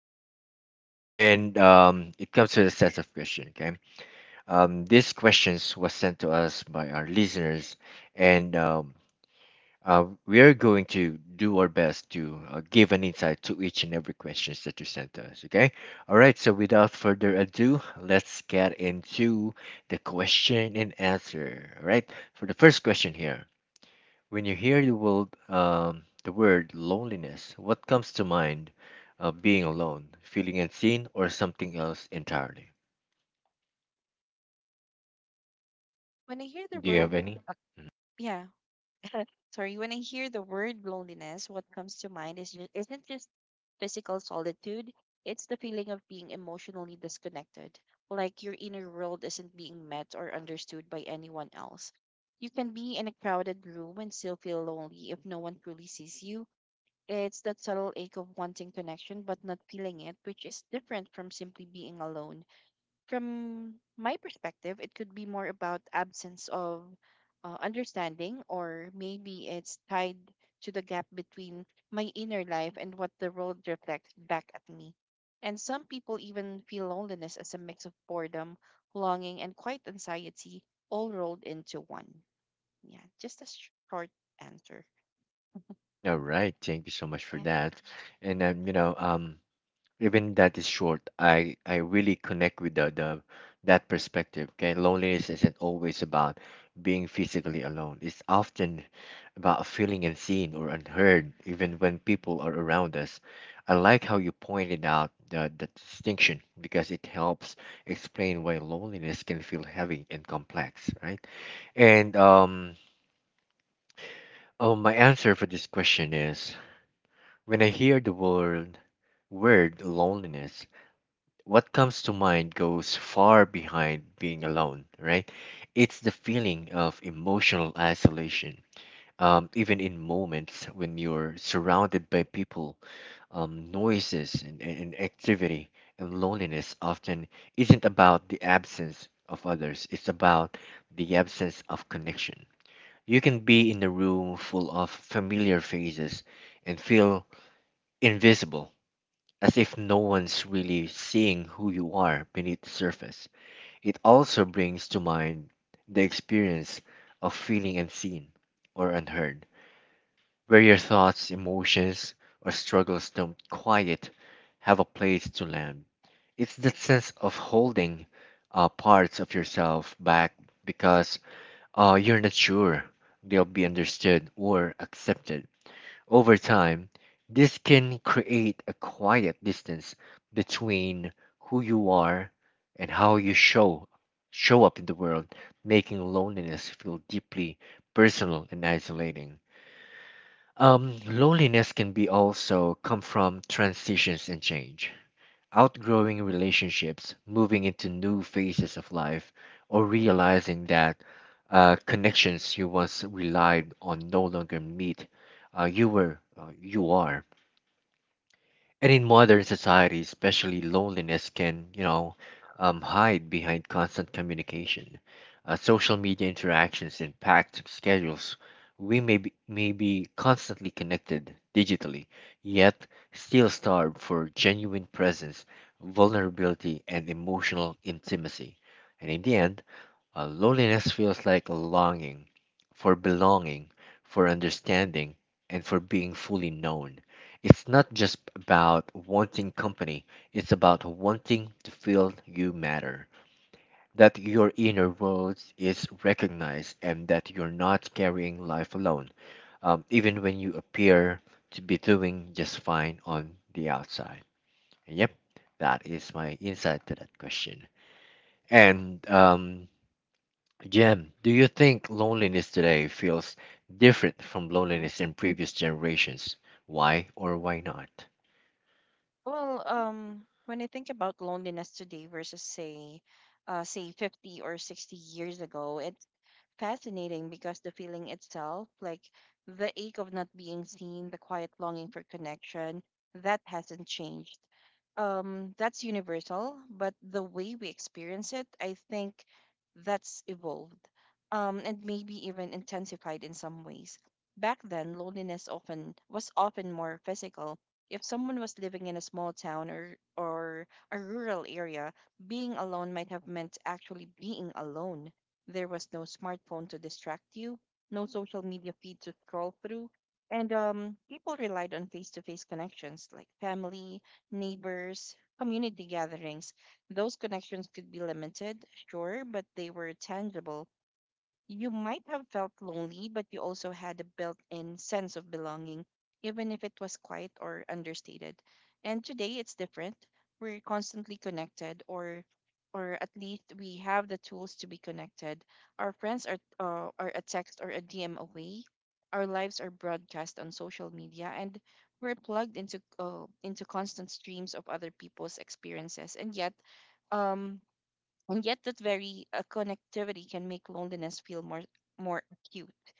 society, and it comes with a set of questions. Okay. These questions was sent to us by our listeners, and we are going to do our best to give an insight to each and every questions that you sent to us. Okay. All right. So without further ado, let's get into the question and answer. All right. For the first question here, when you hear the word the word loneliness, what comes to mind? Being alone, feeling unseen, or something else entirely? When I hear the Do you have world, any? uh, yeah, sorry, when I hear the word loneliness, what comes to mind is isn't just physical solitude. It's the feeling of being emotionally disconnected, like your inner world isn't being met or understood by anyone else. You can be in a crowded room and still feel lonely if no one truly sees you. It's that subtle ache of wanting connection but not feeling it, which is different from simply being alone. From my perspective, it could be more about absence of understanding, or maybe it's tied to the gap between my inner life and what the world reflects back at me. And some people even feel loneliness as a mix of boredom, longing, and quiet anxiety all rolled into one. Yeah, just a short answer. All right, thank you so much for Yeah. that. And even that is short, I really connect with the that perspective. Okay, loneliness isn't always about being physically alone. It's often about feeling unseen or unheard, even when people are around us. I like how you pointed out the distinction because it helps explain why loneliness can feel heavy and complex, right? And um, oh, my answer for this question is. When I hear the word loneliness, what comes to mind goes far behind being alone, right? It's the feeling of emotional isolation. Even in moments when you're surrounded by people, noises, and activity, and loneliness often isn't about the absence of others, it's about the absence of connection. You can be in a room full of familiar faces and feel invisible, as if no one's really seeing who you are beneath the surface. It also brings to mind the experience of feeling unseen or unheard, where your thoughts, emotions, or struggles don't quite have a place to land. It's that sense of holding parts of yourself back because you're not sure they'll be understood or accepted. Over time, this can create a quiet distance between who you are and how you show up in the world, making loneliness feel deeply personal and isolating. Loneliness can be also come from transitions and change, outgrowing relationships, moving into new phases of life, or realizing that connections you once relied on no longer meet you are, and in modern society, especially loneliness can, you know, hide behind constant communication. Social media interactions and packed schedules. We may be constantly connected digitally, yet still starved for genuine presence, vulnerability, and emotional intimacy. And in the end, loneliness feels like a longing for belonging, for understanding, and for being fully known. It's not just about wanting company, it's about wanting to feel you matter, that your inner world is recognized, and that you're not carrying life alone, even when you appear to be doing just fine on the outside. Yep, that is my insight to that question. And Jem, do you think loneliness today feels different from Mm-hmm. loneliness in previous generations? Why or why not? Well, when I think about loneliness today versus say 50 or 60 years ago, it fascinating because the feeling itself, like the ache of not being seen, the quiet longing for connection, that hasn't changed. That's universal, but the way we experience it, I think that's evolved, and maybe even intensified in some ways. Back then, loneliness often was often more physical. If someone was living in a small town or a rural area, being alone might have meant actually being alone. There was no smartphone to distract you, no social media feed to scroll through, and people relied on face to face connections like family, neighbors, community gatherings. Those connections could be limited, sure, but they were tangible. You might have felt lonely, but you also had a built in sense of belonging, even if it was quiet or understated. And today it's different. We're constantly connected, or at least we have the tools to be connected. Our friends are a text or a DM away. Our lives are broadcast on social media, and we're plugged into constant streams of other people's experiences. Um, and yet that very connectivity can make loneliness feel more acute.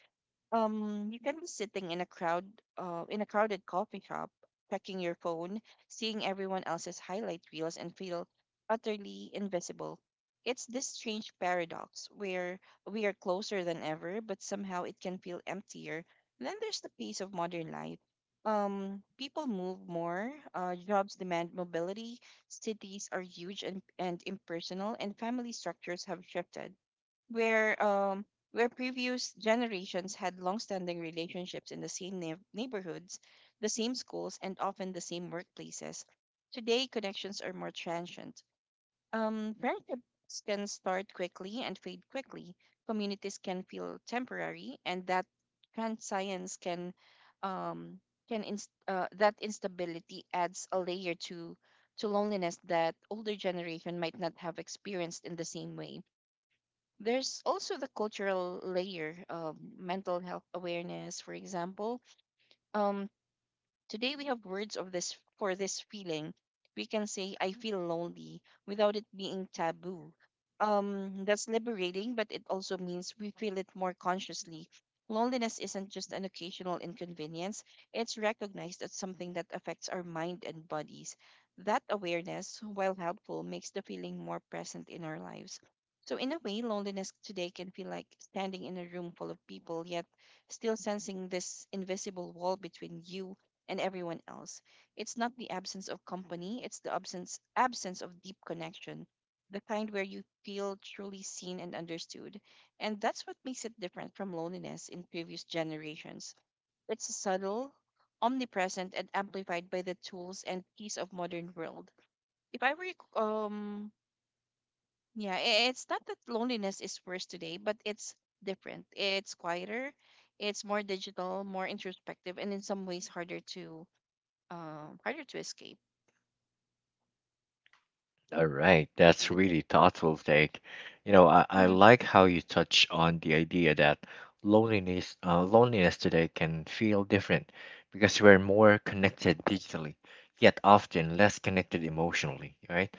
You can be sitting in a crowd, in a crowded coffee shop, checking your phone, seeing everyone else's highlight reels, and feel utterly invisible. It's this strange paradox where we are closer than ever, but somehow it can feel emptier. Then there's the pace of modern life. People move more, jobs demand mobility, cities are huge and impersonal, and family structures have shifted, where um where previous generations had long-standing relationships in the same neighborhoods, the same schools, and often the same workplaces. Today, connections are more transient. Friendships can start quickly and fade quickly. Communities can feel temporary, and that transience um can inst- that instability adds a layer to loneliness that older generation might not have experienced in the same way. There's also the cultural layer of mental health awareness, for example. um Today we have words of this for this feeling. We can say I feel lonely without it being taboo. That's liberating, but it also means we feel it more consciously. Loneliness isn't just an occasional inconvenience, it's recognized as something that affects our mind and bodies. That awareness, while helpful, makes the feeling more present in our lives. So, in a way, loneliness today can feel like standing in a room full of people, yet still sensing this invisible wall between you and everyone else. It's not the absence of company, it's the absence of deep connection, the kind where you feel truly seen and understood. And that's what makes it different from loneliness in previous generations. It's subtle, omnipresent and amplified by the tools and peace of modern world. If I were um yeah, I- it's not that loneliness is worse today, but it's different. It's quieter, it's more digital, more introspective, and in some ways harder to harder to escape. All right, And that's that's it. really thoughtful take. You know, I hmm like how you touch on the idea that loneliness today can feel different because we're more connected digitally, yet often less connected emotionally, right?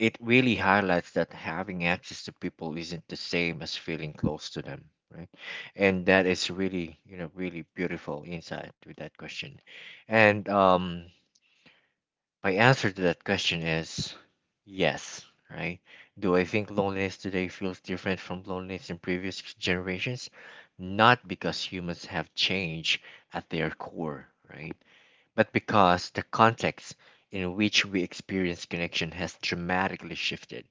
It really highlights that having access to people isn't the same as feeling close to them, right? And that is really, you know, really beautiful insight with that question. And My answer to that question is yes, right? Do I think loneliness today feels different from loneliness in previous generations? Not because humans have changed at their core, right, but because the context in which we experience connection has dramatically shifted,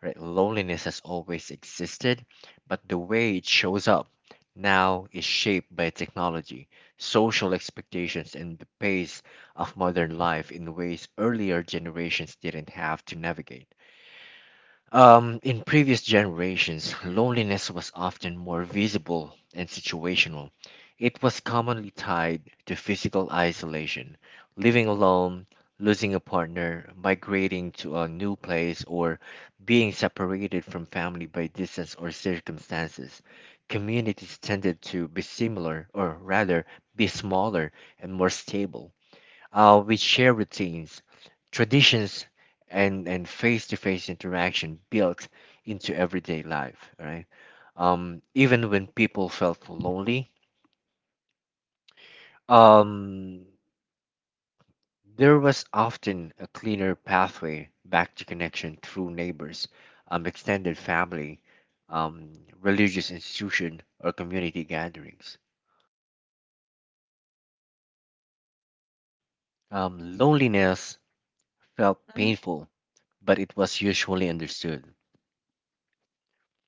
right? Loneliness has always existed, but the way it shows up now is shaped by technology, social expectations, and the pace of modern life in ways earlier generations didn't have to navigate. In previous generations, loneliness was often more visible and situational. It was commonly tied to physical isolation, living alone, losing a partner, migrating to a new place, or being separated from family by distance or circumstances. Communities tended to be similar, or rather, be smaller and more stable. We share routines, traditions, and face-to-face interaction built into everyday life. All right. Even when people felt lonely, um, there was often a cleaner pathway back to connection through neighbors, extended family, um, religious institution, or community gatherings. Loneliness felt hmm painful, but it was usually understood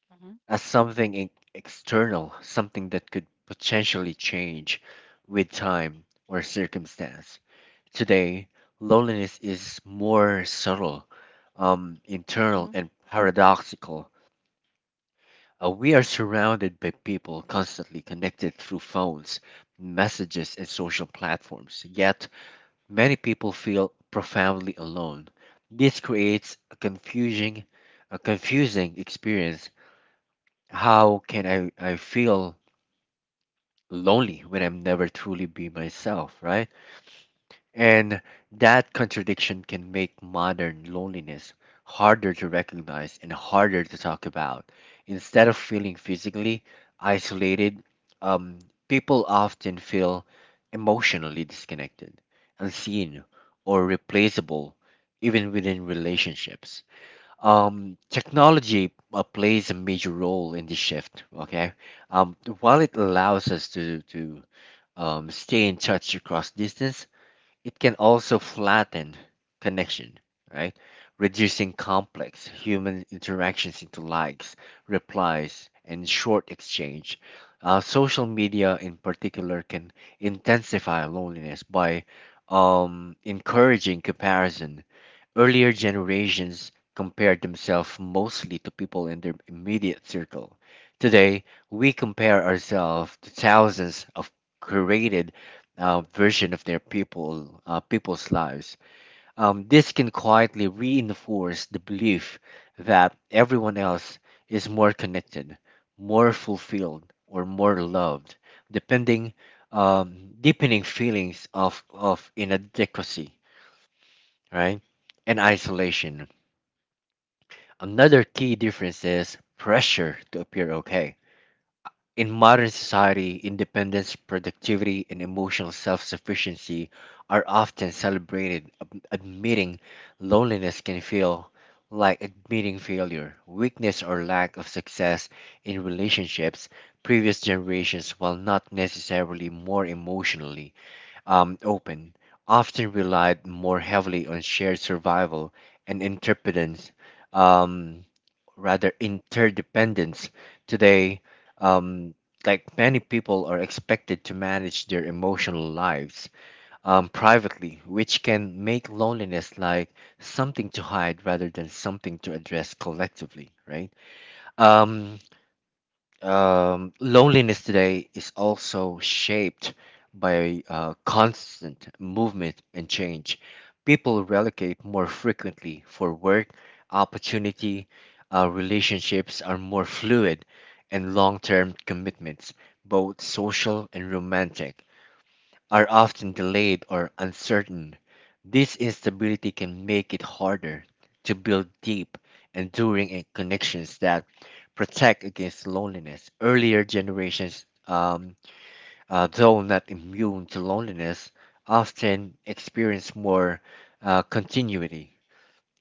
hmm as something external, something that could potentially change with time or circumstance. Today, loneliness is more subtle, hmm internal, and paradoxical. We are surrounded by people, constantly connected through phones, messages, and social platforms. Yet, many people feel profoundly alone. This creates a confusing experience. How can I feel lonely when I'm never truly be myself, right? And that contradiction can make modern loneliness harder to recognize and harder to talk about. Instead of feeling physically isolated, um, people often feel emotionally disconnected, unseen, or replaceable, even within relationships. Technology plays a major role in this shift, okay? While it allows us to stay in touch across distance, it can also flatten connection, right? Reducing complex human interactions into likes, replies, and short exchange. Social media, in particular, can intensify loneliness by encouraging comparison. Earlier generations compared themselves mostly to people in their immediate circle. Today, we compare ourselves to thousands of curated version of their people people's lives. This can quietly reinforce the belief that everyone else is more connected, more fulfilled, or more loved, depending, deepening feelings of inadequacy, right, and isolation. Another key difference is pressure to appear okay. In modern society, independence, productivity, and emotional self sufficiency are often celebrated. Admitting loneliness can feel like admitting failure, weakness, or lack of success in relationships. Previous generations, while not necessarily more emotionally open, often relied more heavily on shared survival and interdependence. um, rather, interdependence. Today, um, like many people are expected to manage their emotional lives privately, which can make loneliness like something to hide rather than something to address collectively, right? Um, Loneliness today is also shaped by constant movement and change. People relocate more frequently for work, opportunity. Relationships are more fluid, and long term commitments, both social and romantic, are often delayed or uncertain. This instability can make it harder to build deep, enduring connections that protect against loneliness. Earlier generations, though not immune to loneliness, often experience more continuity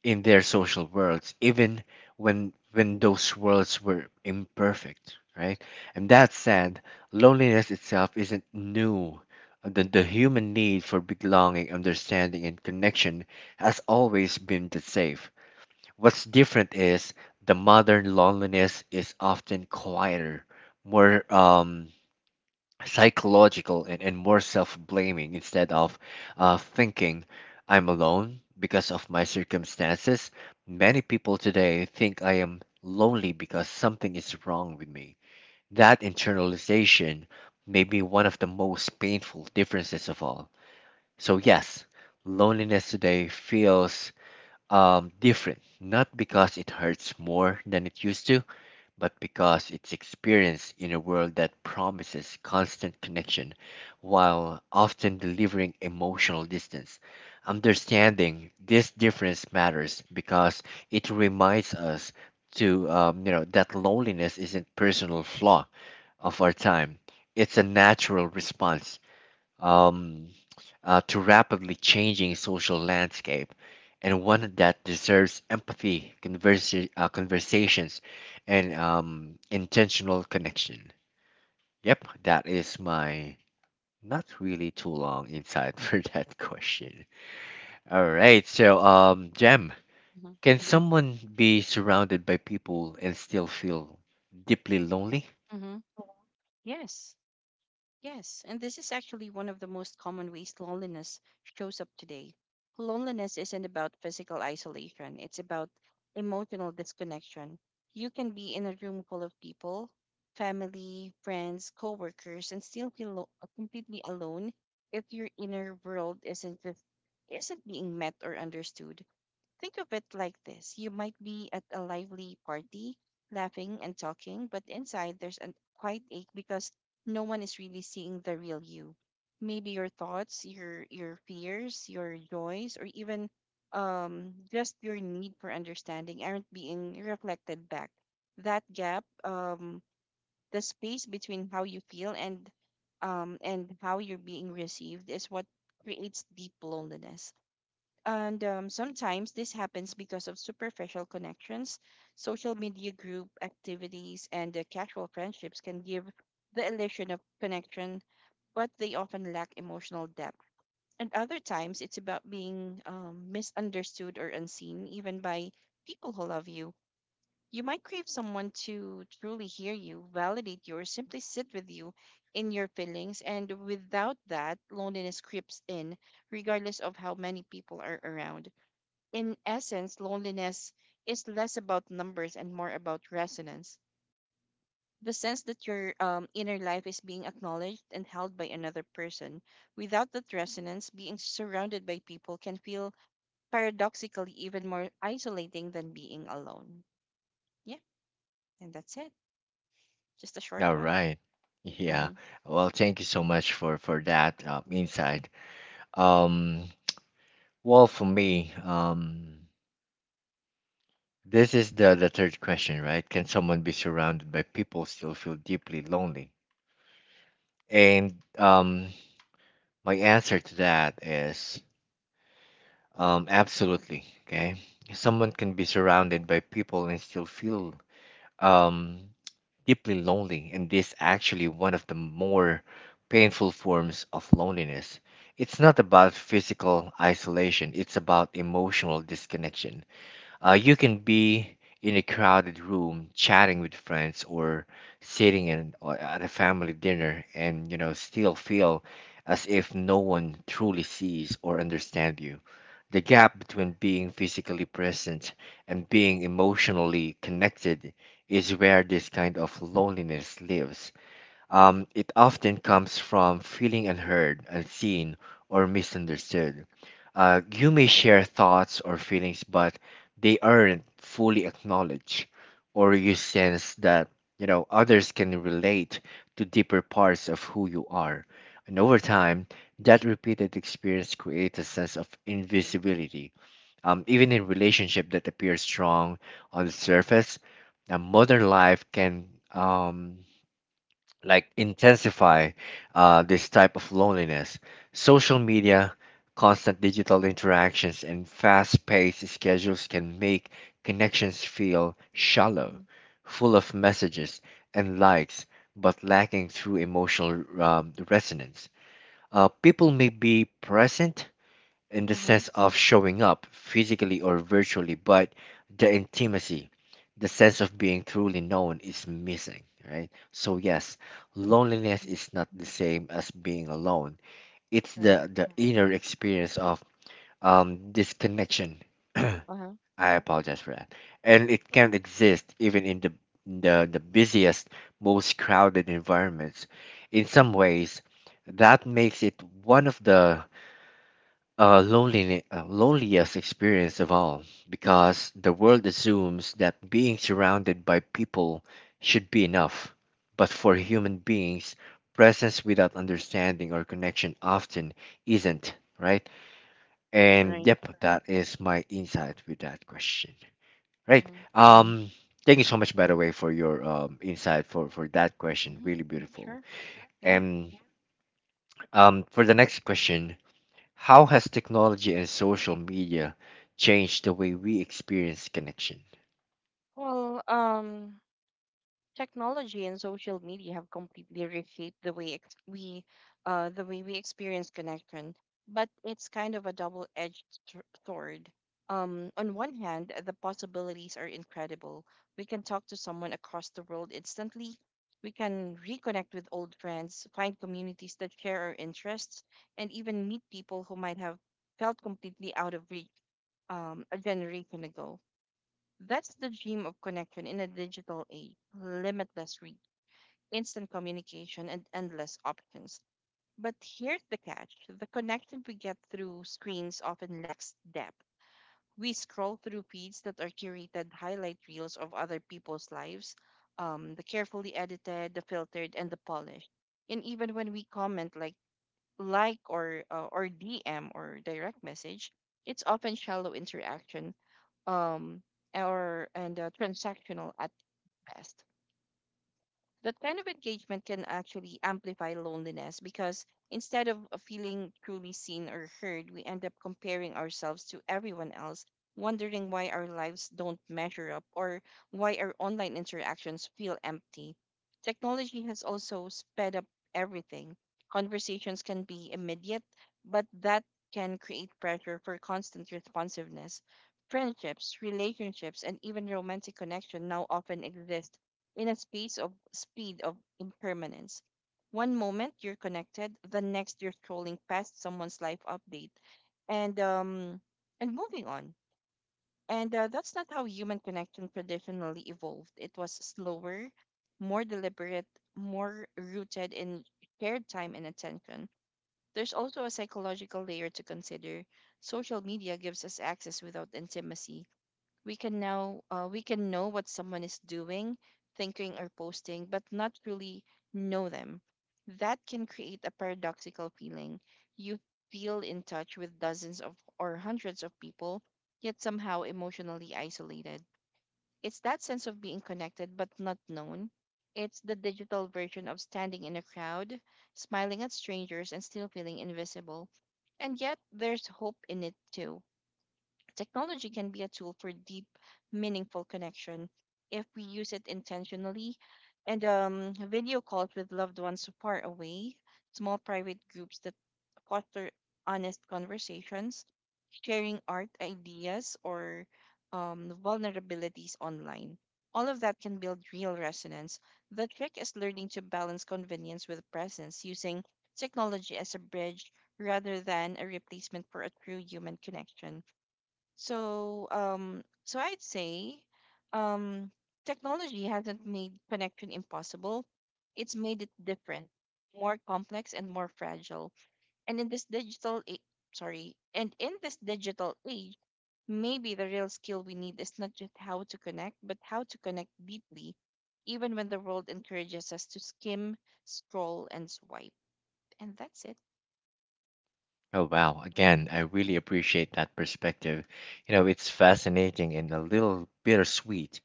in their social worlds, even when those worlds were imperfect, right? And that said, loneliness itself isn't new. The human need for belonging, understanding, and connection has always been the same. What's different is the modern loneliness is often quieter, more psychological, and, more self-blaming. Instead of thinking I'm alone because of my circumstances, many people today think I am lonely because something is wrong with me. That internalization may be one of the most painful differences of all. So yes, loneliness today feels different, not because it hurts more than it used to, but because it's experienced in a world that promises constant connection while often delivering emotional distance. Understanding this difference matters because it reminds us to, you know, that loneliness isn't personal flaw of our time. It's a natural response um, to rapidly changing social landscape, and one that deserves empathy, conversations, and intentional connection. Yep, that is my not really too long insight for that question. All right, so Jem, hmm can someone be surrounded by people and still feel deeply lonely? hmm Yes, yes. And this is actually one of the most common ways loneliness shows up today. Loneliness isn't about physical isolation, it's about emotional disconnection. You can be in a room full of people, family, friends, coworkers, and still feel completely alone if your inner world isn't being met or understood. Think of it like this, you might be at a lively party, laughing and talking, but inside there's a quiet ache because no one is really seeing the real you. Maybe your thoughts, your fears, your joys, or even just your need for understanding aren't being reflected back. That gap, the space between how you feel and how you're being received, is what creates deep loneliness. And Sometimes this happens because of superficial connections. Social media group activities, and casual friendships can give the illusion of connection, but they often lack emotional depth. And other times, it's about being misunderstood or unseen, even by people who love you. You might crave someone to truly hear you, validate you, or simply sit with you in your feelings. And without that, loneliness creeps in, regardless of how many people are around. In essence, loneliness is less about numbers and more about resonance. The sense that your inner life is being acknowledged and held by another person. Without that resonance, being surrounded by people can feel paradoxically even more isolating than being alone. Yeah, and that's it. Just a short All one. right. Yeah. Mm-hmm. Well, thank you so much for that insight. Um, Well, for me, this is the third question, right? Can someone be surrounded by people still feel deeply lonely? And My answer to that is absolutely. Okay. Someone can be surrounded by people and still feel um, deeply lonely. And this actually one of the more painful forms of loneliness. It's not about physical isolation, it's about emotional disconnection. You can be in a crowded room chatting with friends or sitting in, or at a family dinner and still feel as if no one truly sees or understands you. The gap between being physically present and being emotionally connected is where this kind of loneliness lives. It often comes from feeling unheard, unseen, or misunderstood. You may share thoughts or feelings, but they aren't fully acknowledged, or you sense that others can relate to deeper parts of who you are. And over time, that repeated experience creates a sense of invisibility. Even in relationship that appears strong on the surface, a modern life can um, like intensify this type of loneliness. Social media, constant digital interactions, and fast paced schedules can make connections feel shallow, Mm-hmm. full of messages and likes, but lacking true emotional resonance. People may be present in the Mm-hmm. sense of showing up physically or virtually, but the intimacy, the sense of being truly known is missing, right? So yes, loneliness is not the same as being alone. It's Right. the inner experience of disconnection. I Uh-huh. apologize for that. And it can exist even in the busiest, most crowded environments. In some ways, that makes it one of the loneliest experience of all because the world assumes that being surrounded by people should be enough. But for human beings, presence without understanding or connection often isn't, right? And Right. yep, that is my insight with that question, right? Mm-hmm. Um, Thank you so much, by the way, for your insight for that question. Mm-hmm. Really beautiful. Sure. Yeah. And for the next question, how has technology and social media changed the way we experience connection? Well, technology and social media have completely reshaped the way we experience connection. But it's kind of a double-edged sword. On one hand, the possibilities are incredible. We can talk to someone across the world instantly. We can reconnect with old friends, find communities that share our interests, and even meet people who might have felt completely out of reach a generation ago. That's the dream of connection in a digital age, limitless reach, instant communication, and endless options. But here's the catch, the connection we get through screens often lacks depth. We scroll through feeds that are curated highlight reels of other people's lives, the carefully edited, the filtered, and the polished. And even when we comment, like or DM or direct message, it's often shallow interaction, um, or and transactional at best. That kind of engagement can actually amplify loneliness because instead of feeling truly seen or heard, we end up comparing ourselves to everyone else, wondering why our lives don't measure up or why our online interactions feel empty. Technology has also sped up everything. Conversations can be immediate, but that can create pressure for constant responsiveness. Friendships, relationships, and even romantic connection now often exist in a space of speed of impermanence. One moment you're connected, the next you're scrolling past someone's life update, and um and moving on. And That's not how human connection traditionally evolved. It was slower, more deliberate, more rooted in shared time and attention. There's also a psychological layer to consider. Social media gives us access without intimacy. We can know what someone is doing, thinking or posting, but not really know them. That can create a paradoxical feeling. You feel in touch with dozens of or hundreds of people, yet somehow emotionally isolated. It's that sense of being connected but not known. It's the digital version of standing in a crowd, smiling at strangers and still feeling invisible. And yet, there's hope in it too. Technology can be a tool for deep, meaningful connection if we use it intentionally. And Video calls with loved ones far away, small private groups that foster honest conversations, sharing art ideas or vulnerabilities online. All of that can build real resonance. The trick is learning to balance convenience with presence, using technology as a bridge rather than a replacement for a true human connection. So I'd say, um, technology hasn't made connection impossible. It's made it different, more complex and more fragile. And in this digital, a- and in this digital age, maybe the real skill we need is not just how to connect, but how to connect deeply, even when the world encourages us to skim, scroll, and swipe. And that's it. Oh, wow. Again, I really appreciate that perspective. You know, it's fascinating and a little bittersweet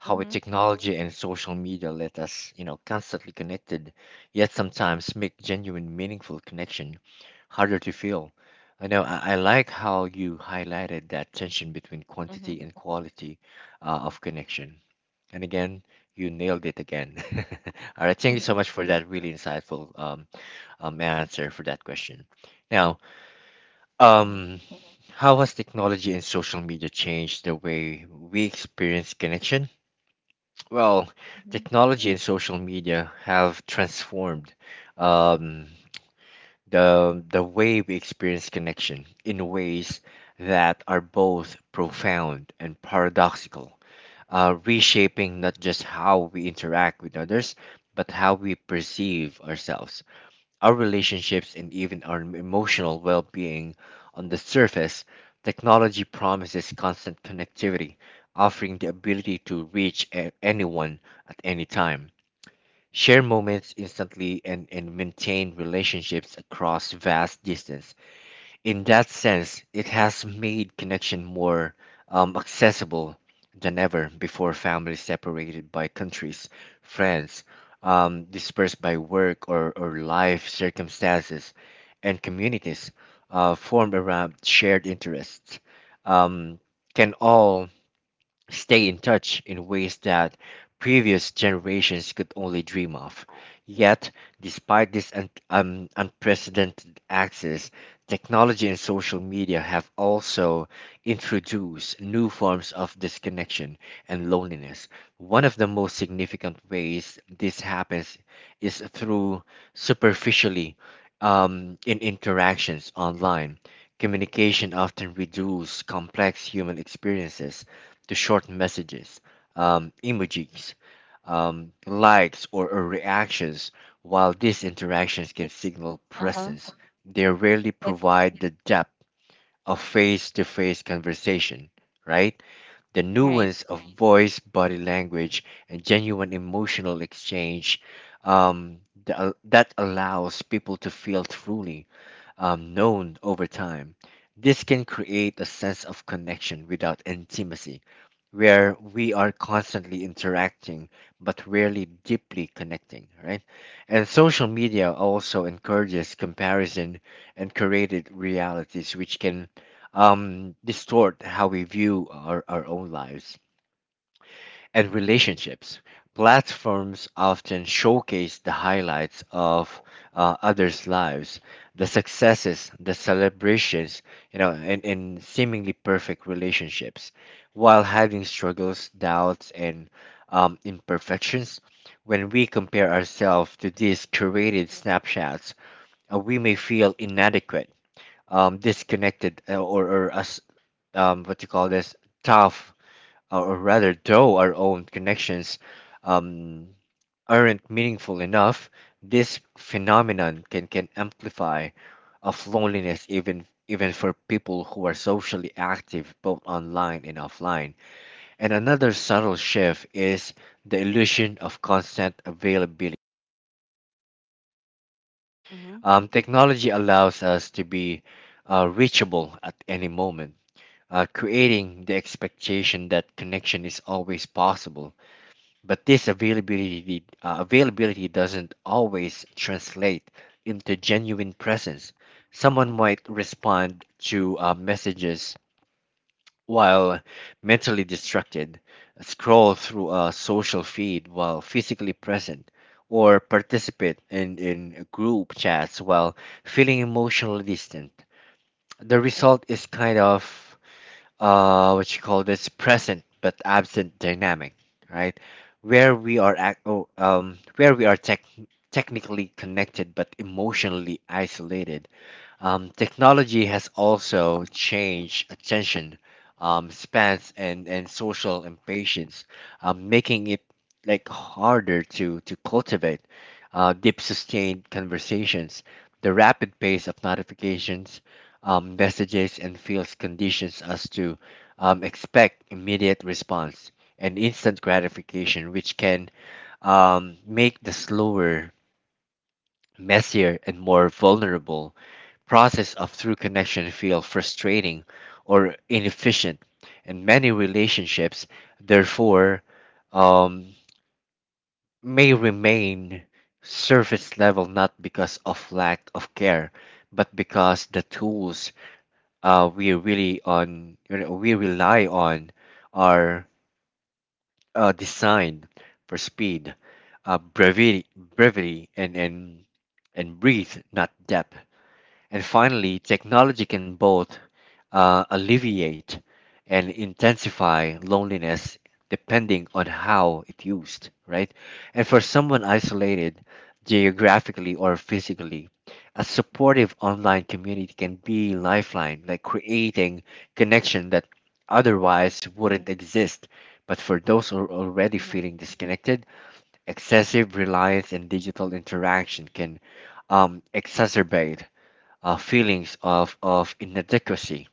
how with Mm-hmm. technology and social media let us, you know, constantly connected, yet sometimes make genuine, meaningful connection harder to feel. I know I like how you highlighted that tension between Mm-hmm. quantity and quality of connection. And again, you nailed it again. All right, thank you Mm-hmm. so much for that really insightful answer for that question. Now, Mm-hmm. um, how has technology and social media changed the way we experience connection? Well, Mm-hmm. technology and social media have transformed um, the way we experience connection in ways that are both profound and paradoxical, reshaping not just how we interact with others, but how we perceive ourselves, our relationships, and even our emotional well being. On the surface, technology promises constant connectivity, offering the ability to reach anyone at any time. Share moments instantly and maintain relationships across vast distance. In that sense, it has made connection more accessible than ever before. Families separated by countries, friends, dispersed by work or life circumstances, and communities formed around shared interests um, can all stay in touch in ways that previous generations could only dream of. Yet, despite this unprecedented access, technology and social media have also introduced new forms of disconnection and loneliness. One of the most significant ways this happens is through superficially in interactions online. Communication often reduces complex human experiences to short messages, emojis, likes, or reactions. While these interactions can It's. signal Uh-huh. presence, they rarely It's. provide the depth of face to face conversation, right? The Right. nuance of voice, body language, and genuine emotional exchange um, that allows people to feel truly known over time. This can create a sense of connection without intimacy where we are constantly interacting but rarely deeply connecting, right? And social media also encourages comparison and created realities which can distort how we view our own lives and relationships. Platforms often showcase the highlights of others' lives, the successes, the celebrations, you know, and seemingly perfect relationships, while hiding struggles, doubts, and imperfections. When we compare ourselves to these curated snapshots, we may feel inadequate, disconnected, or as what you call this, tough or rather, though our own connections um, aren't meaningful enough, this phenomenon can amplify of loneliness even for people who are socially active both online and offline. And another subtle shift is the illusion of constant availability. Mm-hmm. Technology allows us to be reachable at any moment, creating the expectation that connection is always possible. But this availability, doesn't always translate into genuine presence. Someone might respond to messages while mentally distracted, scroll through a social feed while physically present, or participate in group chats while feeling emotionally distant. The result is kind of what you call this present but absent dynamic, right? Where we are technically connected but emotionally isolated. Technology has also changed attention spans and social impatience, making it like harder to cultivate deep, sustained conversations. The rapid pace of notifications, messages, and feels conditions us to expect immediate response and instant gratification, which can make the slower, messier, and more vulnerable process of through connection feel frustrating or inefficient, and many relationships therefore um, may remain surface level not because of lack of care but because the tools we really on you know, we rely on are designed for speed, brevity and breathe not depth. And finally, technology can both alleviate and intensify loneliness depending on how it used, right? And for someone isolated geographically or physically, a supportive online community can be lifeline, like creating connection that Mhm, otherwise wouldn't exist. But for those who are already mhm, feeling disconnected, excessive reliance on digital interaction can exacerbate feelings of inadequacy,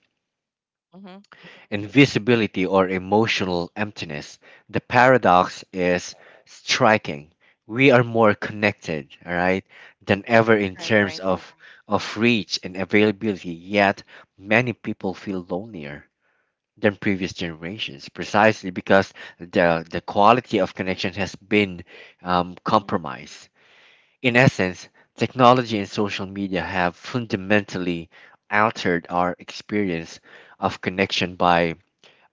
mhm. invisibility, or emotional emptiness. The paradox is striking. We are more connected, all right, than ever in Right, terms right. Of Mhm, reach and availability, yet many people feel lonelier than previous generations precisely because the quality of connection has been mhm. compromised. In essence, technology and social media have fundamentally altered our experience of connection by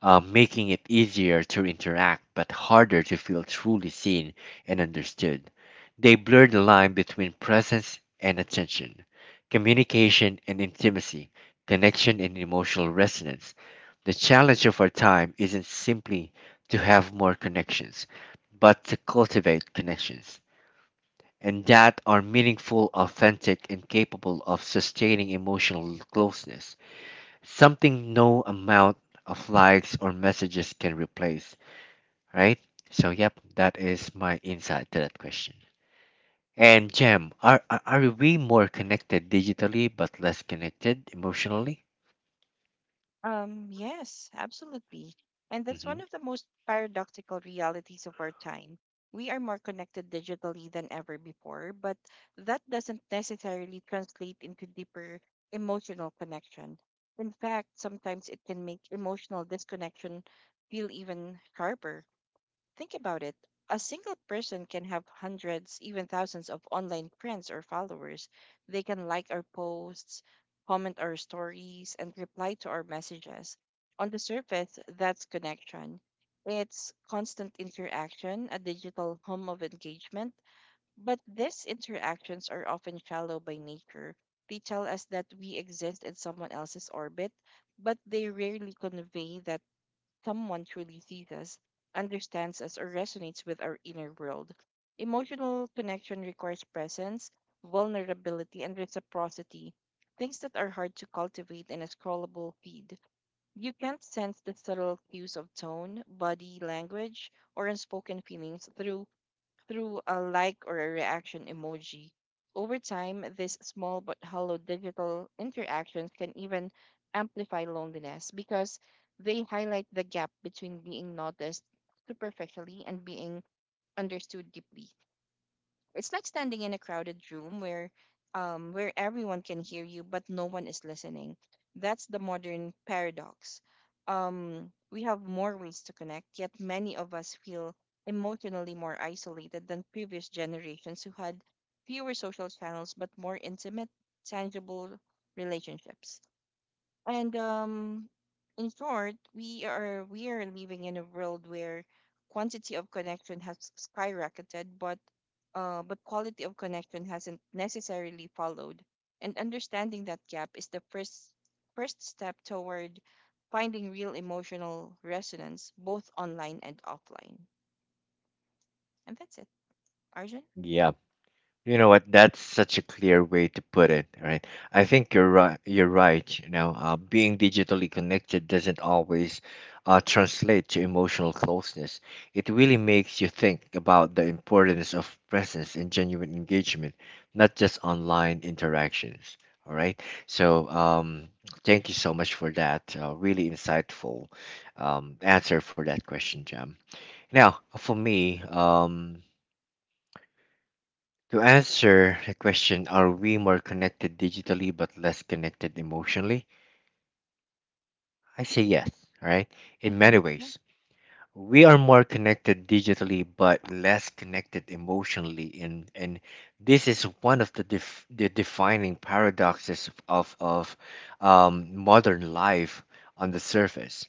making it easier to interact but harder to feel truly seen and understood. They blur the line between presence and attention, communication and intimacy, connection and emotional resonance. The challenge of our time isn't simply to have more connections, but to cultivate connections and that are meaningful, authentic, and capable of sustaining emotional closeness. Something no amount of likes or messages can replace, right? So, yep, that is my insight to that question. And Jam, are we more connected digitally but less connected emotionally? Yes, absolutely. And that's Hmm. one of the most paradoxical realities of our time. We are more connected digitally than ever before, but that doesn't necessarily translate into deeper emotional connection. In fact, sometimes it can make emotional disconnection feel even sharper. Think about it. A single person can have hundreds, even thousands of online friends or followers. They can like our posts, comment our stories, and reply to our messages. On the surface, that's connection. It's constant interaction, a digital home of engagement. But these interactions are often shallow by nature. They tell us that we exist in someone else's orbit, but they rarely convey that someone truly sees us, understands us, or resonates with our inner world. Emotional connection requires presence, vulnerability, and reciprocity, things that are hard to cultivate in a scrollable feed. You can't sense the subtle cues of tone, body language, or unspoken feelings through a like or a reaction emoji. Over time, these small but hollow digital interactions can even amplify loneliness because they highlight the gap between being noticed superficially and being understood deeply. It's like standing in a crowded room where everyone can hear you but no one is listening. That's the modern paradox. We have more ways to connect, yet many of us feel emotionally more isolated than previous generations who had fewer social channels but more intimate, tangible relationships. And In short, we are living in a world where quantity of connection has skyrocketed, but quality of connection hasn't necessarily followed. And understanding that gap is the first step toward finding real emotional resonance, both online and offline. And that's it, Arjun. Yeah. You know what? That's such a clear way to put it, right? I think you're right. You're right. You know, being digitally connected doesn't always translate to emotional closeness. It really makes you think about the importance of presence and genuine engagement, not just online interactions. All right. So, thank you so much for that. Really insightful answer for that question, Jam. Now, for me, to answer the question, are we more connected digitally but less connected emotionally? I say yes, right? In Mm-hmm. many Yeah. ways. We are more connected digitally but less connected emotionally, and this is one of the the defining paradoxes of modern life on the surface.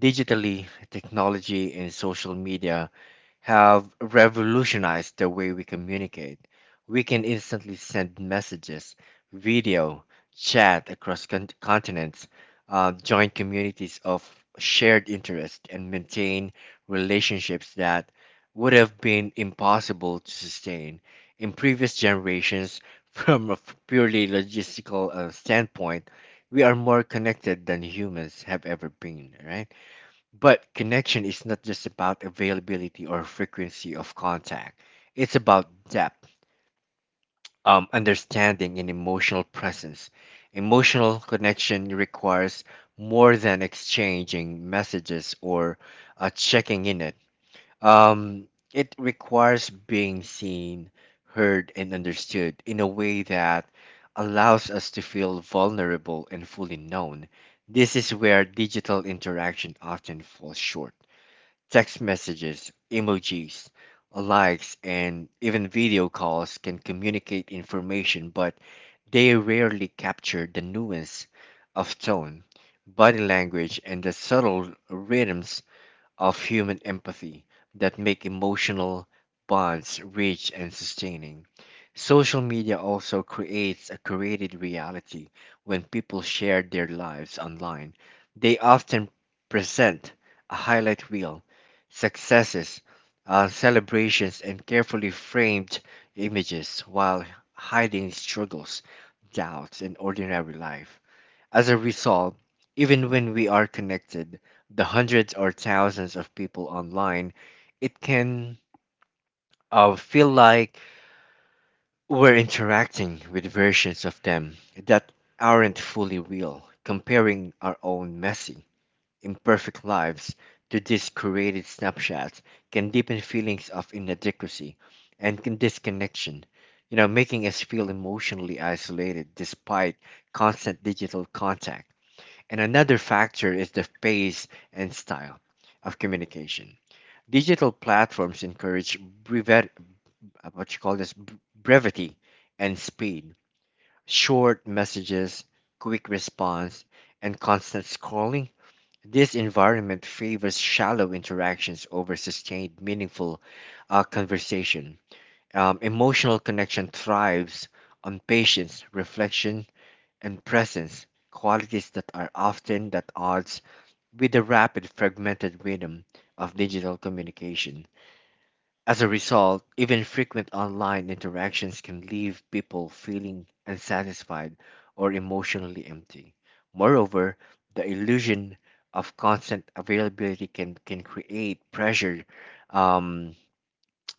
Digitally, technology and social media have revolutionized the way we communicate. We can instantly send messages, video, chat across continents, join communities of shared interest, and maintain relationships that would have been impossible to sustain in previous generations. From a purely logistical standpoint, we are more connected than humans have ever been, right? But connection is not just about availability or frequency of contact. It's about depth, understanding, and emotional presence. Emotional connection requires more than exchanging messages or checking in it. It requires being seen, heard, and understood in a way that allows us to feel vulnerable and fully known. This is where digital interaction often falls short. Text messages, emojis, likes, and even video calls can communicate information, but they rarely capture the nuance of tone, body language, and the subtle rhythms of human empathy that make emotional bonds rich and sustaining. Social media also creates a curated reality when people share their lives online. They often present a highlight reel, successes, celebrations, and carefully framed images while hiding struggles, doubts, and ordinary life. As a result, even when we are connected, the hundreds or thousands of people online, it can feel like we're interacting with versions of them that aren't fully real, comparing our own messy, imperfect lives to these curated snapshots can deepen feelings of inadequacy and can disconnection, making us feel emotionally isolated despite constant digital contact. And another factor is the pace and style of communication. Digital platforms encourage brevet, what you call this brevity and speed, short messages, quick response, and constant scrolling. This environment favors shallow interactions over sustained, meaningful conversation. Emotional connection thrives on patience, reflection, and presence, qualities that are often at odds with the rapid fragmented rhythm of digital communication. As a result, even frequent online interactions can leave people feeling unsatisfied or emotionally empty. Moreover, the illusion of constant availability can create pressure, um,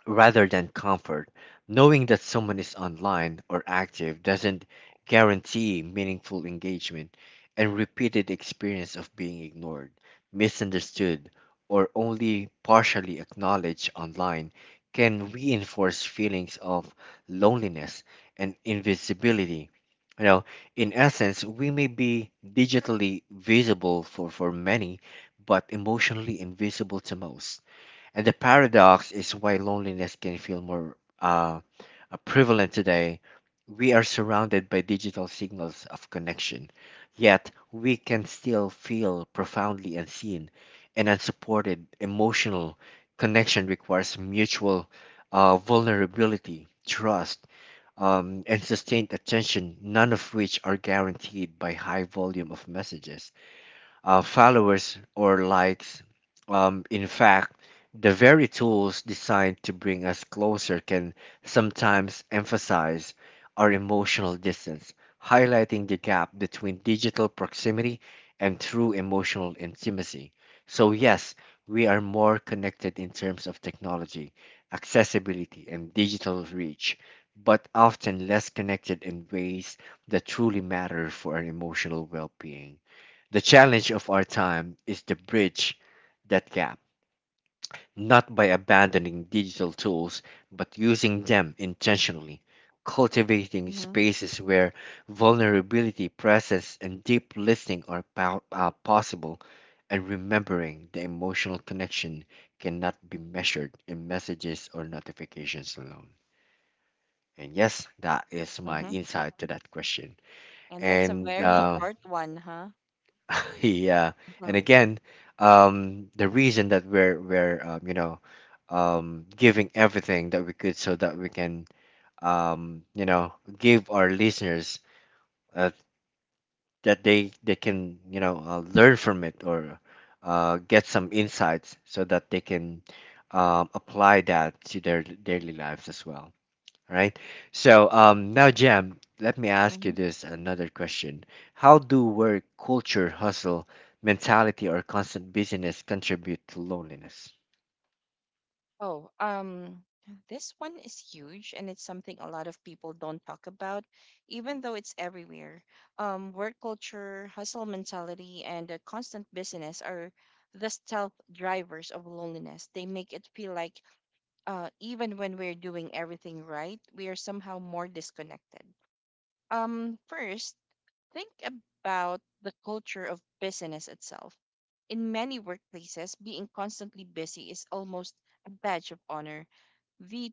rather than comfort. Knowing that someone is online or active doesn't guarantee meaningful engagement, and repeated experience of being ignored, misunderstood, or only partially acknowledged online can reinforce feelings of loneliness and invisibility. You know, in essence, we may be digitally visible for many, but emotionally invisible to most, and the paradox is why loneliness can feel more prevalent today. We are surrounded by digital signals of connection, yet we can still feel profoundly unseen and unsupported. Emotional connection requires mutual vulnerability, trust, and sustained attention, none of which are guaranteed by high volume of messages, followers, or likes. In fact, the very tools designed to bring us closer can sometimes emphasize our emotional distance, highlighting the gap between digital proximity and true emotional intimacy. So, yes, we are more connected in terms of technology, accessibility, and digital reach, but often less connected in ways that truly matter for our emotional well being. The challenge of our time is to bridge that gap, not by abandoning digital tools, but using them intentionally, cultivating Mm-hmm. spaces where vulnerability, presence, and deep listening are possible, and remembering the emotional connection cannot be measured in messages or notifications alone. And yes, that is my Mm-hmm. insight to that question. And that's a And very short one, huh? yeah, and Uh-huh. again, the reason that we're giving everything that we could so that we can, um you know give our listeners uh, that they can, learn from it, or get some insights so that they can apply that to their daily lives as well. All right. So, now, Jam, let me ask you this another question. How do work culture, hustle, mentality, or constant busyness contribute to loneliness? Oh, um, this one is huge, and it's something a lot of people don't talk about, even though it's everywhere. Work culture, hustle mentality, and a constant business are the stealth drivers of loneliness. They make it feel like, even when we're doing everything right, we are somehow more disconnected. First, think about the culture of business itself. In many workplaces, being constantly busy is almost a badge of honor. the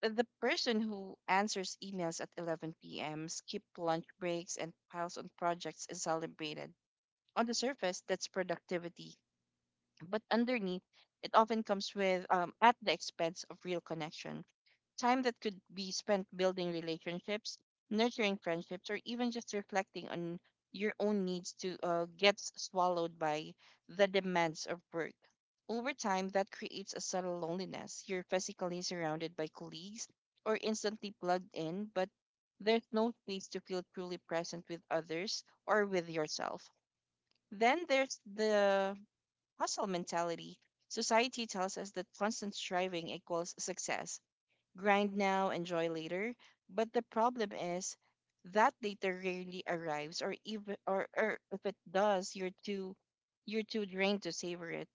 the person who answers emails at 11 p.m., skip lunch breaks, and piles on projects is celebrated. On the surface, that's productivity, but underneath, it often comes with at the expense of real connection time that could be spent building relationships, nurturing friendships, or even just reflecting on your own needs to gets swallowed by the demands of work. Over time, that creates a subtle loneliness. You're physically surrounded by colleagues or instantly plugged in, but there's no space to feel truly present with others or with yourself. Then there's the hustle mentality. Society tells us that constant striving equals success. Grind now, enjoy later. But the problem is that later rarely arrives, or or if it does, you're too drained to savor it.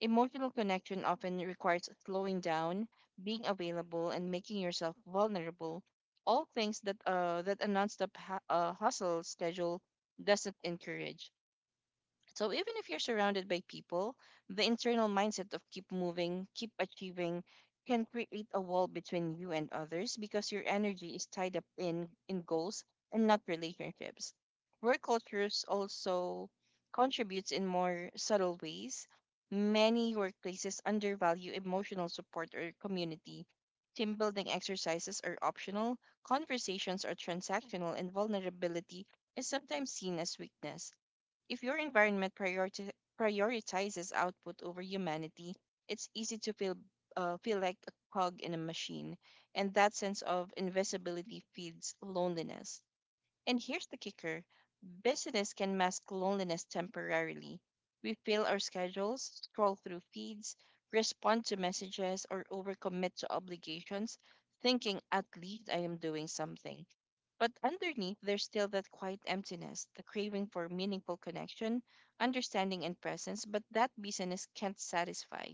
Emotional connection often requires slowing down, being available, and making yourself vulnerable. All things that hustle schedule doesn't encourage. So even if you're surrounded by people, the internal mindset of keep moving, keep achieving can create a wall between you and others because your energy is tied up in goals and not relationships. Work cultures also contributes in more subtle ways. Many workplaces undervalue emotional support or community. Team building exercises are optional, conversations are transactional, and vulnerability is sometimes seen as weakness. If your environment prioritizes output over humanity, it's easy to feel like a cog in a machine, and that sense of invisibility feeds loneliness. And here's the kicker: business can mask loneliness temporarily. We fill our schedules, scroll through feeds, respond to messages, or overcommit to obligations, thinking at least I am doing something. But underneath, there's still that quiet emptiness, the craving for meaningful connection, understanding, and presence, but that business can't satisfy.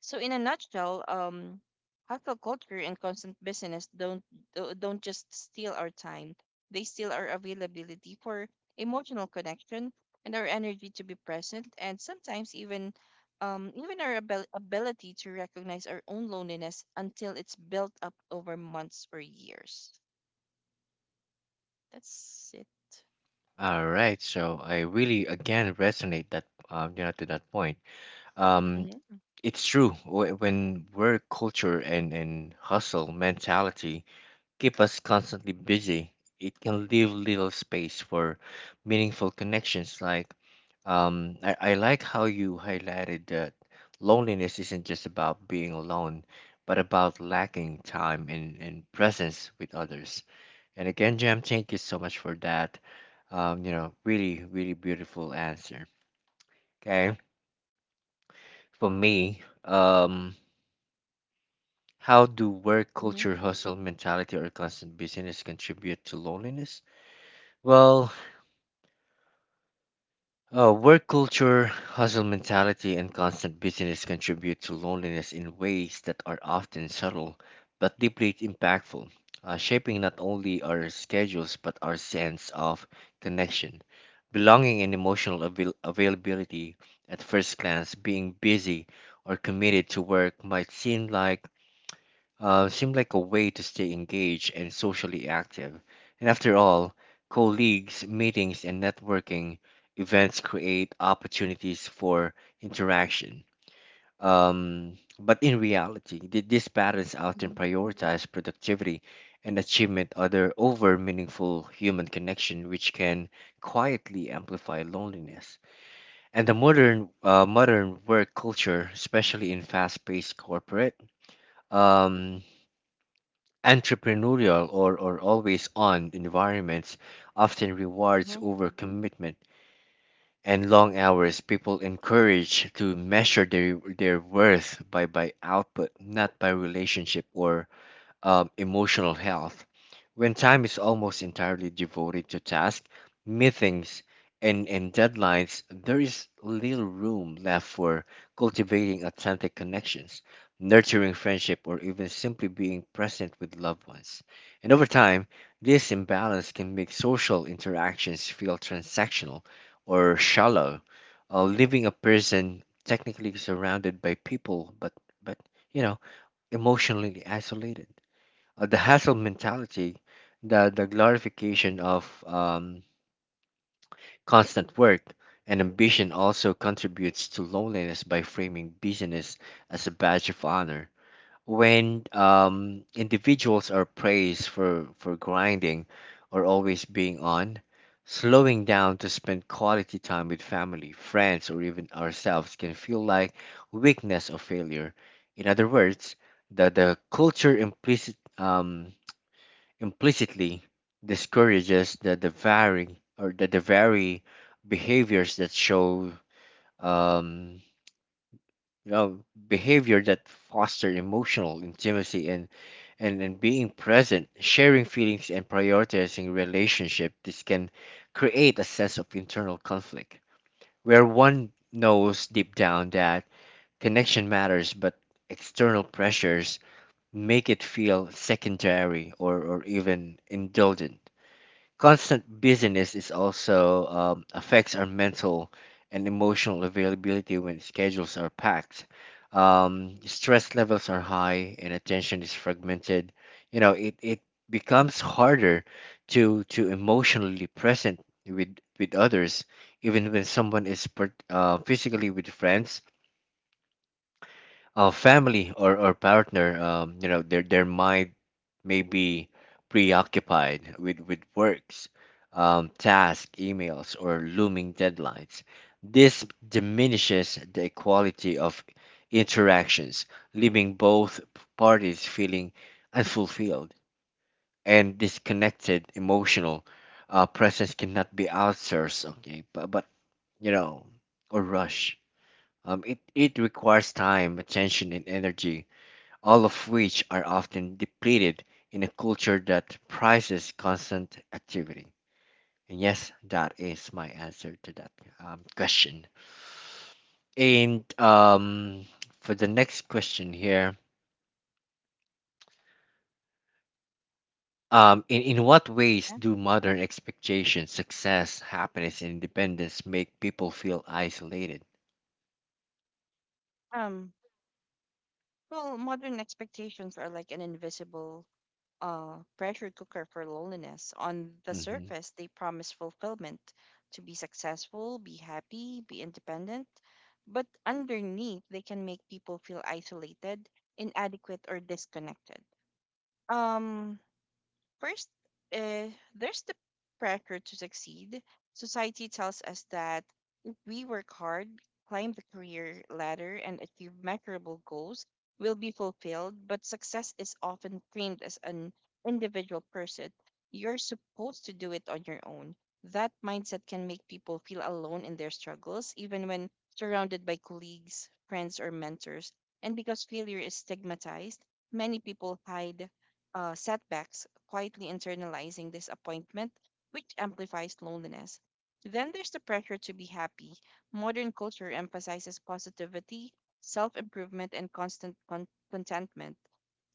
So, in a nutshell, hustle culture and constant business don't just steal our time; they steal our availability for emotional connection and our energy to be present, and sometimes even our ability to recognize our own loneliness until it's built up over months or years. That's it. All right. So I really again resonate that, to that point. Um, Mhm. it's true, when work culture and hustle mentality keep us constantly busy, it can leave little space for meaningful connections. Like, I like how you highlighted that loneliness isn't just about being alone, but about lacking time and presence with others. And again, Jam, thank you so much for that. You know, really, really beautiful answer. Okay, for me, how do work Mhm. culture, hustle mentality, or constant busyness contribute to loneliness? Well, work culture, hustle mentality, and constant busyness contribute to loneliness in ways that are often subtle but deeply impactful, shaping not only our schedules but our sense of connection, belonging, and availability. At first glance, being busy or committed to work might seem like seemed like a way to stay engaged and socially active. And after all, colleagues, meetings, and networking events create opportunities for interaction. But in reality, these patterns often Mhm. prioritize productivity and achievement other over meaningful human connection, which can quietly amplify loneliness. And the modern work culture, especially in fast-paced corporate, um, entrepreneurial, or always on environments, often rewards Mhm. overcommitment and long hours. People encouraged to measure their worth by output, not by relationship, or emotional health. When time is almost entirely devoted to tasks, meetings, and deadlines, there is little room left for cultivating authentic connections, nurturing friendship, or even simply being present with loved ones. And over time, this imbalance can make social interactions feel transactional or shallow, leaving a person technically surrounded by people, but you know, emotionally isolated. The hustle mentality, the glorification of constant work and ambition also contributes to loneliness by framing busyness as a badge of honor. When individuals are praised for grinding or always being on, slowing down to spend quality time with family, friends, or even ourselves can feel like weakness or failure. In other words, the culture implicitly discourages the very behaviors that show, um, you know behavior that foster emotional intimacy, and being present, sharing feelings and prioritizing relationship. This can create a sense of internal conflict where one knows deep down that connection matters, but external pressures make it feel secondary, or even indulgent. Constant busyness is also, affects our mental and emotional availability when schedules are packed. Stress levels are high and attention is fragmented. You know, it becomes harder to emotionally present with others, even when someone is physically with friends, family, or partner, you know, their mind may be preoccupied with works, tasks, emails, or looming deadlines. This diminishes the quality of interactions, leaving both parties feeling unfulfilled and disconnected. Emotional presence cannot be outsourced, okay, but you know, or rush. It requires time, attention, and energy, all of which are often depleted in a culture that prizes constant activity. And yes, that is my answer to that, question. And for the next question here, in what ways Yeah. do modern expectations, success, happiness, and independence make people feel isolated? Um, well, modern expectations are like an invisible pressure cooker for loneliness. On the Hmm surface, they promise fulfillment, to be successful, be happy, be independent, but underneath, they can make people feel isolated, inadequate, or disconnected. Um, First, uh, there's the pressure to succeed. Society tells us that if we work hard, climb the career ladder, and achieve measurable goals, we'll be fulfilled. But success is often framed as an individual person. You're supposed to do it on your own. That mindset can make people feel alone in their struggles, even when surrounded by colleagues, friends, or mentors. And because failure is stigmatized, many people hide setbacks quietly internalizing disappointment, which amplifies loneliness. Then there's the pressure to be happy. Modern culture emphasizes positivity, self improvement, and constant contentment.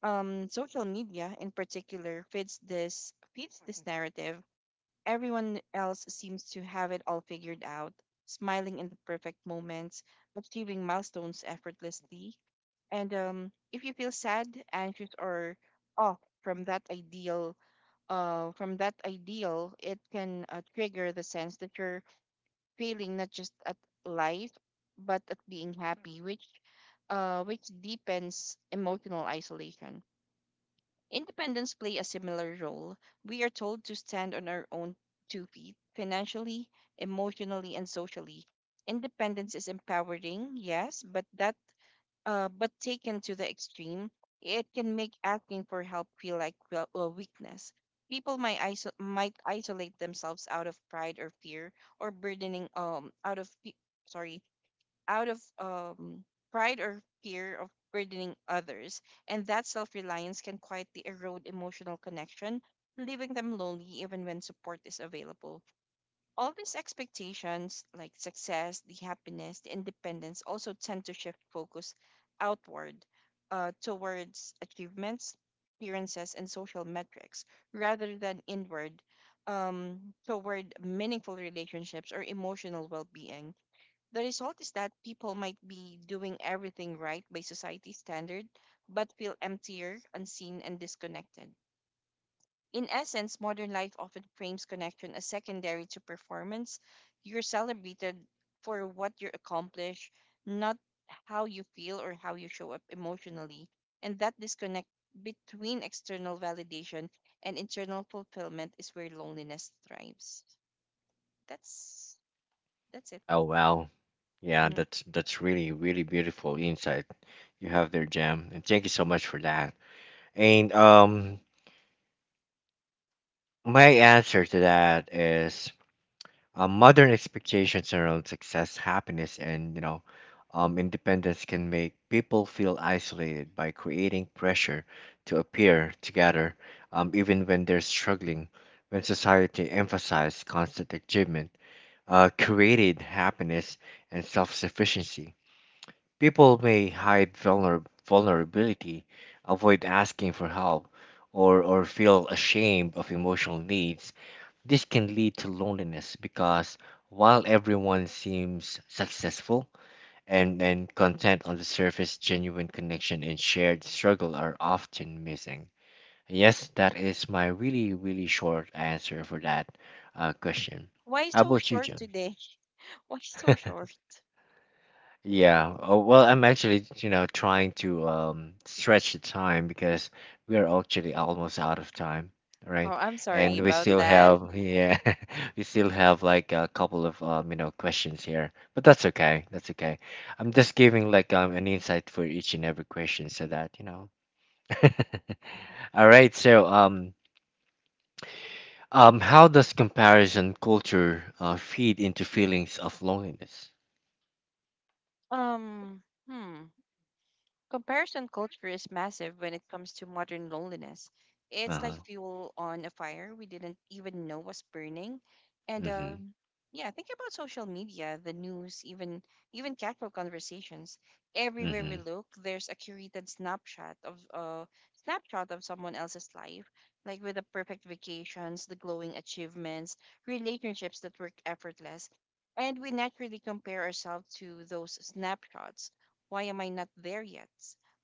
Social media, in particular, feeds this narrative. Everyone else seems to have it all figured out, smiling in the perfect moments, achieving milestones effortlessly. And if you feel sad, anxious, or off from that ideal, it can trigger the sense that you're failing not just at life, but at being happy, which deepens emotional isolation. Independents play a similar role. We are told to stand on our own two feet, financially, emotionally, and socially. Independence is empowering, yes, but taken to the extreme, it can make asking for help feel like weakness. People might isolate themselves out of pride or fear, or burdening out of pe- sorry out of pride or fear of burdening others, and that self reliance can quietly erode emotional connection, leaving them lonely even when support is available. All these expectations, like success, the happiness, the independence, also tend to shift focus outward towards achievements, appearances, and social metrics rather than inward toward meaningful relationships or emotional well being. The result is that people might be doing everything right by society standard, but feel emptier, unseen, and disconnected. In essence, modern life often frames connection as secondary to performance. You're celebrated for what you accomplish, not how you feel or how you show up emotionally. And that disconnect between external validation and internal fulfillment is where loneliness thrives. That's that's it. Oh wow, yeah, Mhm. That's really really beautiful insight you have there, Jam, and thank you so much for that. And my answer to that is, modern expectations around success, happiness, and, independence can make people feel isolated by creating pressure to appear together, even when they're struggling. When society emphasizes constant achievement, created happiness, and self-sufficiency, people may hide vulnerability, avoid asking for help, or feel ashamed of emotional needs. This can lead to loneliness because while everyone seems successful and content on the surface, genuine connection and shared struggle are often missing. Yes, that is my really, really short answer for that, question. Why How so about you, short Jim? today? Why so short? Yeah. Oh, well, I'm actually, you know, trying to stretch the time because we are actually almost out of time, Oh, right? Oh, I'm sorry and we about still really that. have, yeah, we still have like a couple of, you know, questions here. But that's okay. That's okay. I'm just giving like an insight for each and every question so that, you know. Mhm. All right. So, how does comparison culture feed into feelings of loneliness? Um, hmm. Comparison culture is massive when it comes to modern loneliness. It's Uh-huh. like fuel on a fire we didn't even know was burning. And Mm-hmm. Yeah, think about social media, the news, even casual conversations. Everywhere we Mm-hmm. look, there's a curated snapshot of someone else's life, like with the perfect vacations, the glowing achievements, relationships that work effortless. And we naturally compare ourselves to those snapshots. Why am I not there yet?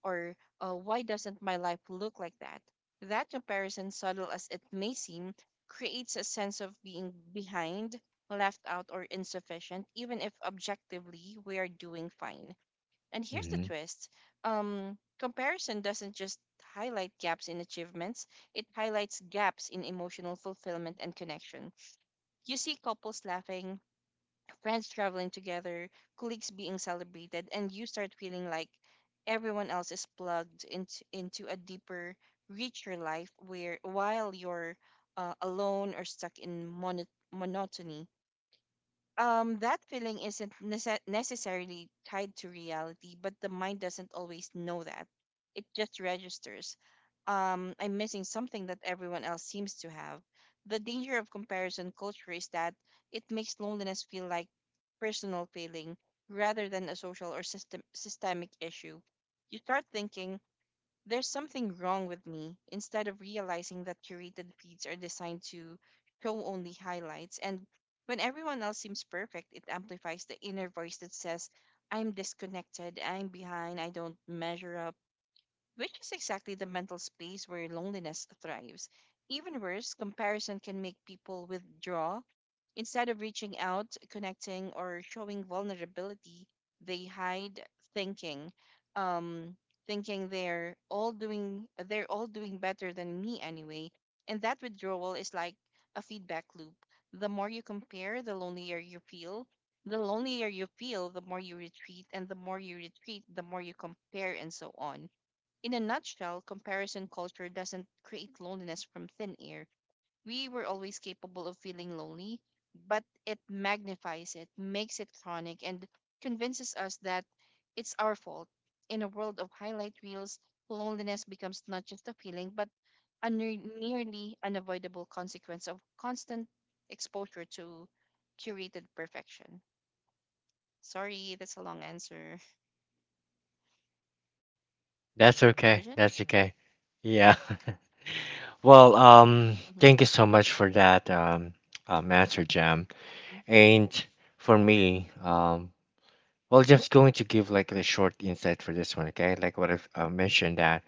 Or why doesn't my life look like that? That comparison, subtle as it may seem, creates a sense of being behind, left out, or insufficient, even if objectively we are doing fine. And here's the Mm-hmm. twist um, Comparison doesn't just highlight gaps in achievements, it highlights gaps in emotional fulfillment and connection. You see couples laughing, friends traveling together, colleagues being celebrated, and you start feeling like everyone else is plugged into a deeper, richer life where while you're alone or stuck in monotony. That feeling isn't necessarily tied to reality, but the mind doesn't always know that. It just registers, I'm missing something that everyone else seems to have. The danger of comparison culture is that it makes loneliness feel like personal feeling rather than a social or systemic issue. You start thinking there's something wrong with me instead of realizing that curated feeds are designed to show only highlights. And when everyone else seems perfect, it amplifies the inner voice that says, I'm disconnected, I'm behind, I don't measure up, which is exactly the mental space where loneliness thrives. Even worse, comparison can make people withdraw. Instead of reaching out, connecting, or showing vulnerability, they hide thinking, um, they're all doing better than me anyway. And that withdrawal is like a feedback loop. The more you compare, the lonelier you feel. The lonelier you feel, the more you retreat, and the more you retreat, the more you compare, and so on. In a nutshell, comparison culture doesn't create loneliness from thin air. We were always capable of feeling lonely, but it magnifies it, makes it chronic, and convinces us that it's our fault. In a world of highlight reels, loneliness becomes not just a feeling, but a nearly unavoidable consequence of constant exposure to curated perfection. Sorry, that's a long answer. That's Arjun? okay. That's okay. Yeah. Well, thank you so much for that, answer, Jam. Mm-hmm. And for me, well, just going to give like a short insight for this one, okay? Like what I've mentioned that,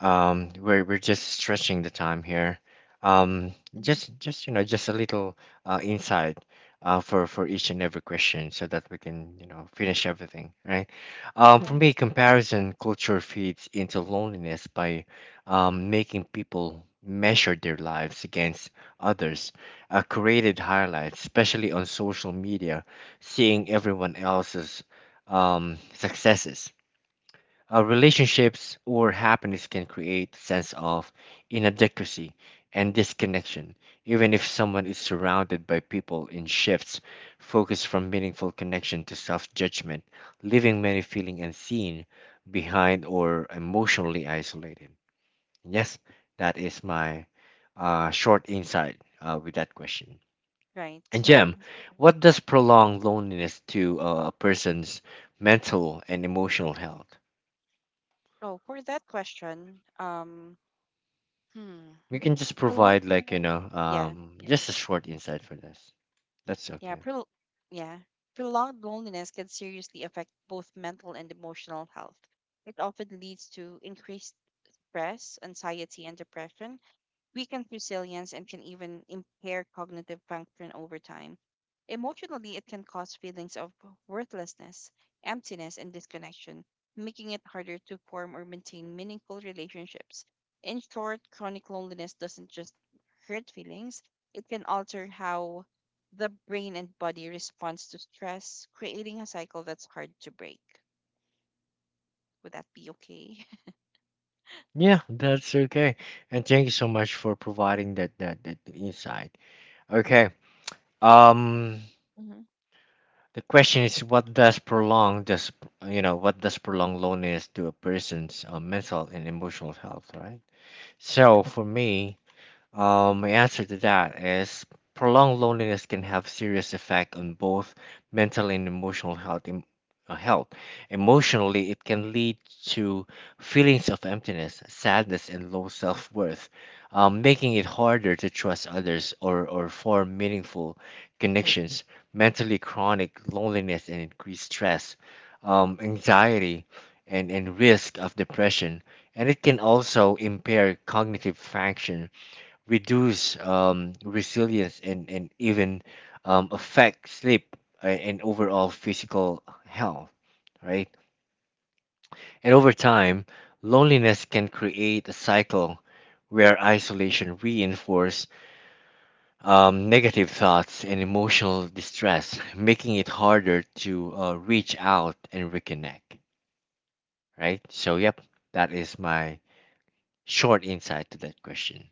we're just stretching the time here. Um, Hmm. Just you know, just a little insight for each and every question so that we can, you know, finish everything, right. Yeah. For me, comparison culture feeds into loneliness by, making people measure their lives against others. Created highlights, especially on social media, seeing everyone else's, successes, relationships, or happiness can create a sense of inadequacy and disconnection, even if someone is surrounded by people in shifts, focus from meaningful connection to self judgment, leaving many feeling unseen, behind, or emotionally isolated. Yes, that is my, short insight, with that question. Right. And Jem, what does prolonged loneliness to, a person's mental and emotional health? Oh, for that question, hmm, We can just prolonged, provide like, you know, yeah, just a short insight for this. That's yeah, okay. pro, yeah, prolonged loneliness can seriously affect both mental and emotional health. It often leads to increased stress, anxiety, and depression, weaken resilience, and can even impair cognitive function over time. Emotionally, it can cause feelings of worthlessness, emptiness, and disconnection, making it harder to form or maintain meaningful relationships. In short, chronic loneliness doesn't just hurt feelings, it can alter how the brain and body responds to stress, creating a cycle that's hard to break. Would that be okay? Yeah, that's okay. And thank you so much for providing that, that insight. Okay, um Hmm. the question is, what does prolong does you know, what does prolonged loneliness to a person's, mental and emotional health, right? So for me, my answer to that is prolonged loneliness can have serious effect on both mental and emotional health. Health. Emotionally, it can lead to feelings of emptiness, sadness, and low self-worth, making it harder to trust others, or form meaningful connections. Mentally, chronic loneliness and increased stress, anxiety, and risk of depression. And it can also impair cognitive function, reduce, resilience, and even, affect sleep and overall physical health, right? And over time, loneliness can create a cycle where isolation reinforces, negative thoughts and emotional distress, making it harder to, reach out and reconnect, right? So, yep, that is my short insight to that question.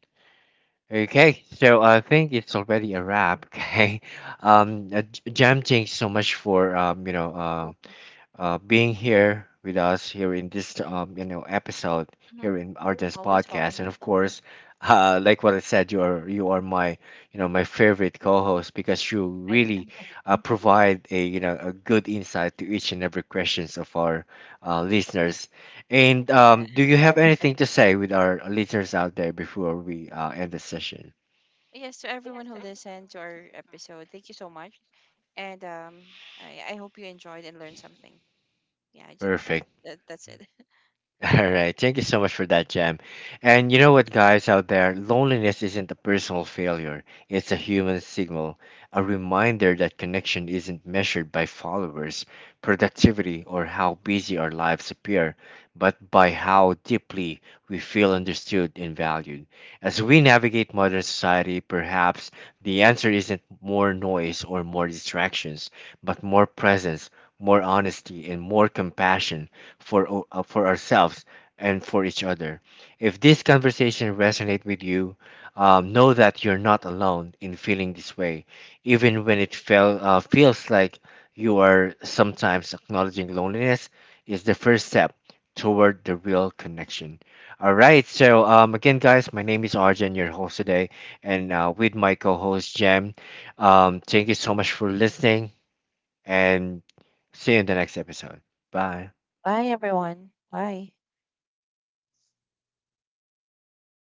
Okay, so I think it's already a wrap. Okay, Jam, thanks so much for, you know, Welcome. Being here with us here in this, you know, episode Hmm. here in our this Always podcast, welcome. and of course, like what I said, you are my, you know, my favorite co-host because you I really, know. Provide a, you know, a good insight to each and every questions of our, listeners. And do you have anything to say with our listeners out there before we, end the session? Yes, to everyone who listened to our episode, thank you so much. And I hope you enjoyed and learned something. Yeah, just Perfect. that, that's it. All right. Thank you so much for that, Jam. And you know what, guys out there, loneliness isn't a personal failure. It's a human signal, a reminder that connection isn't measured by followers, productivity, or how Hmm. busy our lives appear, but by how deeply we feel understood and valued. As we navigate modern society, perhaps the answer isn't more noise or more distractions, but more presence, more honesty, and more compassion for for ourselves and for each other. If this conversation resonates with you, know that you're not alone in feeling this way, even when it feels like you are. Sometimes acknowledging loneliness is the first step toward the real connection. All right, so again, guys, my name is Arjun, Hmm. your host today, and with my co-host Jem. Thank you so much for listening, and see you in the next episode. Bye. Bye, everyone. Bye.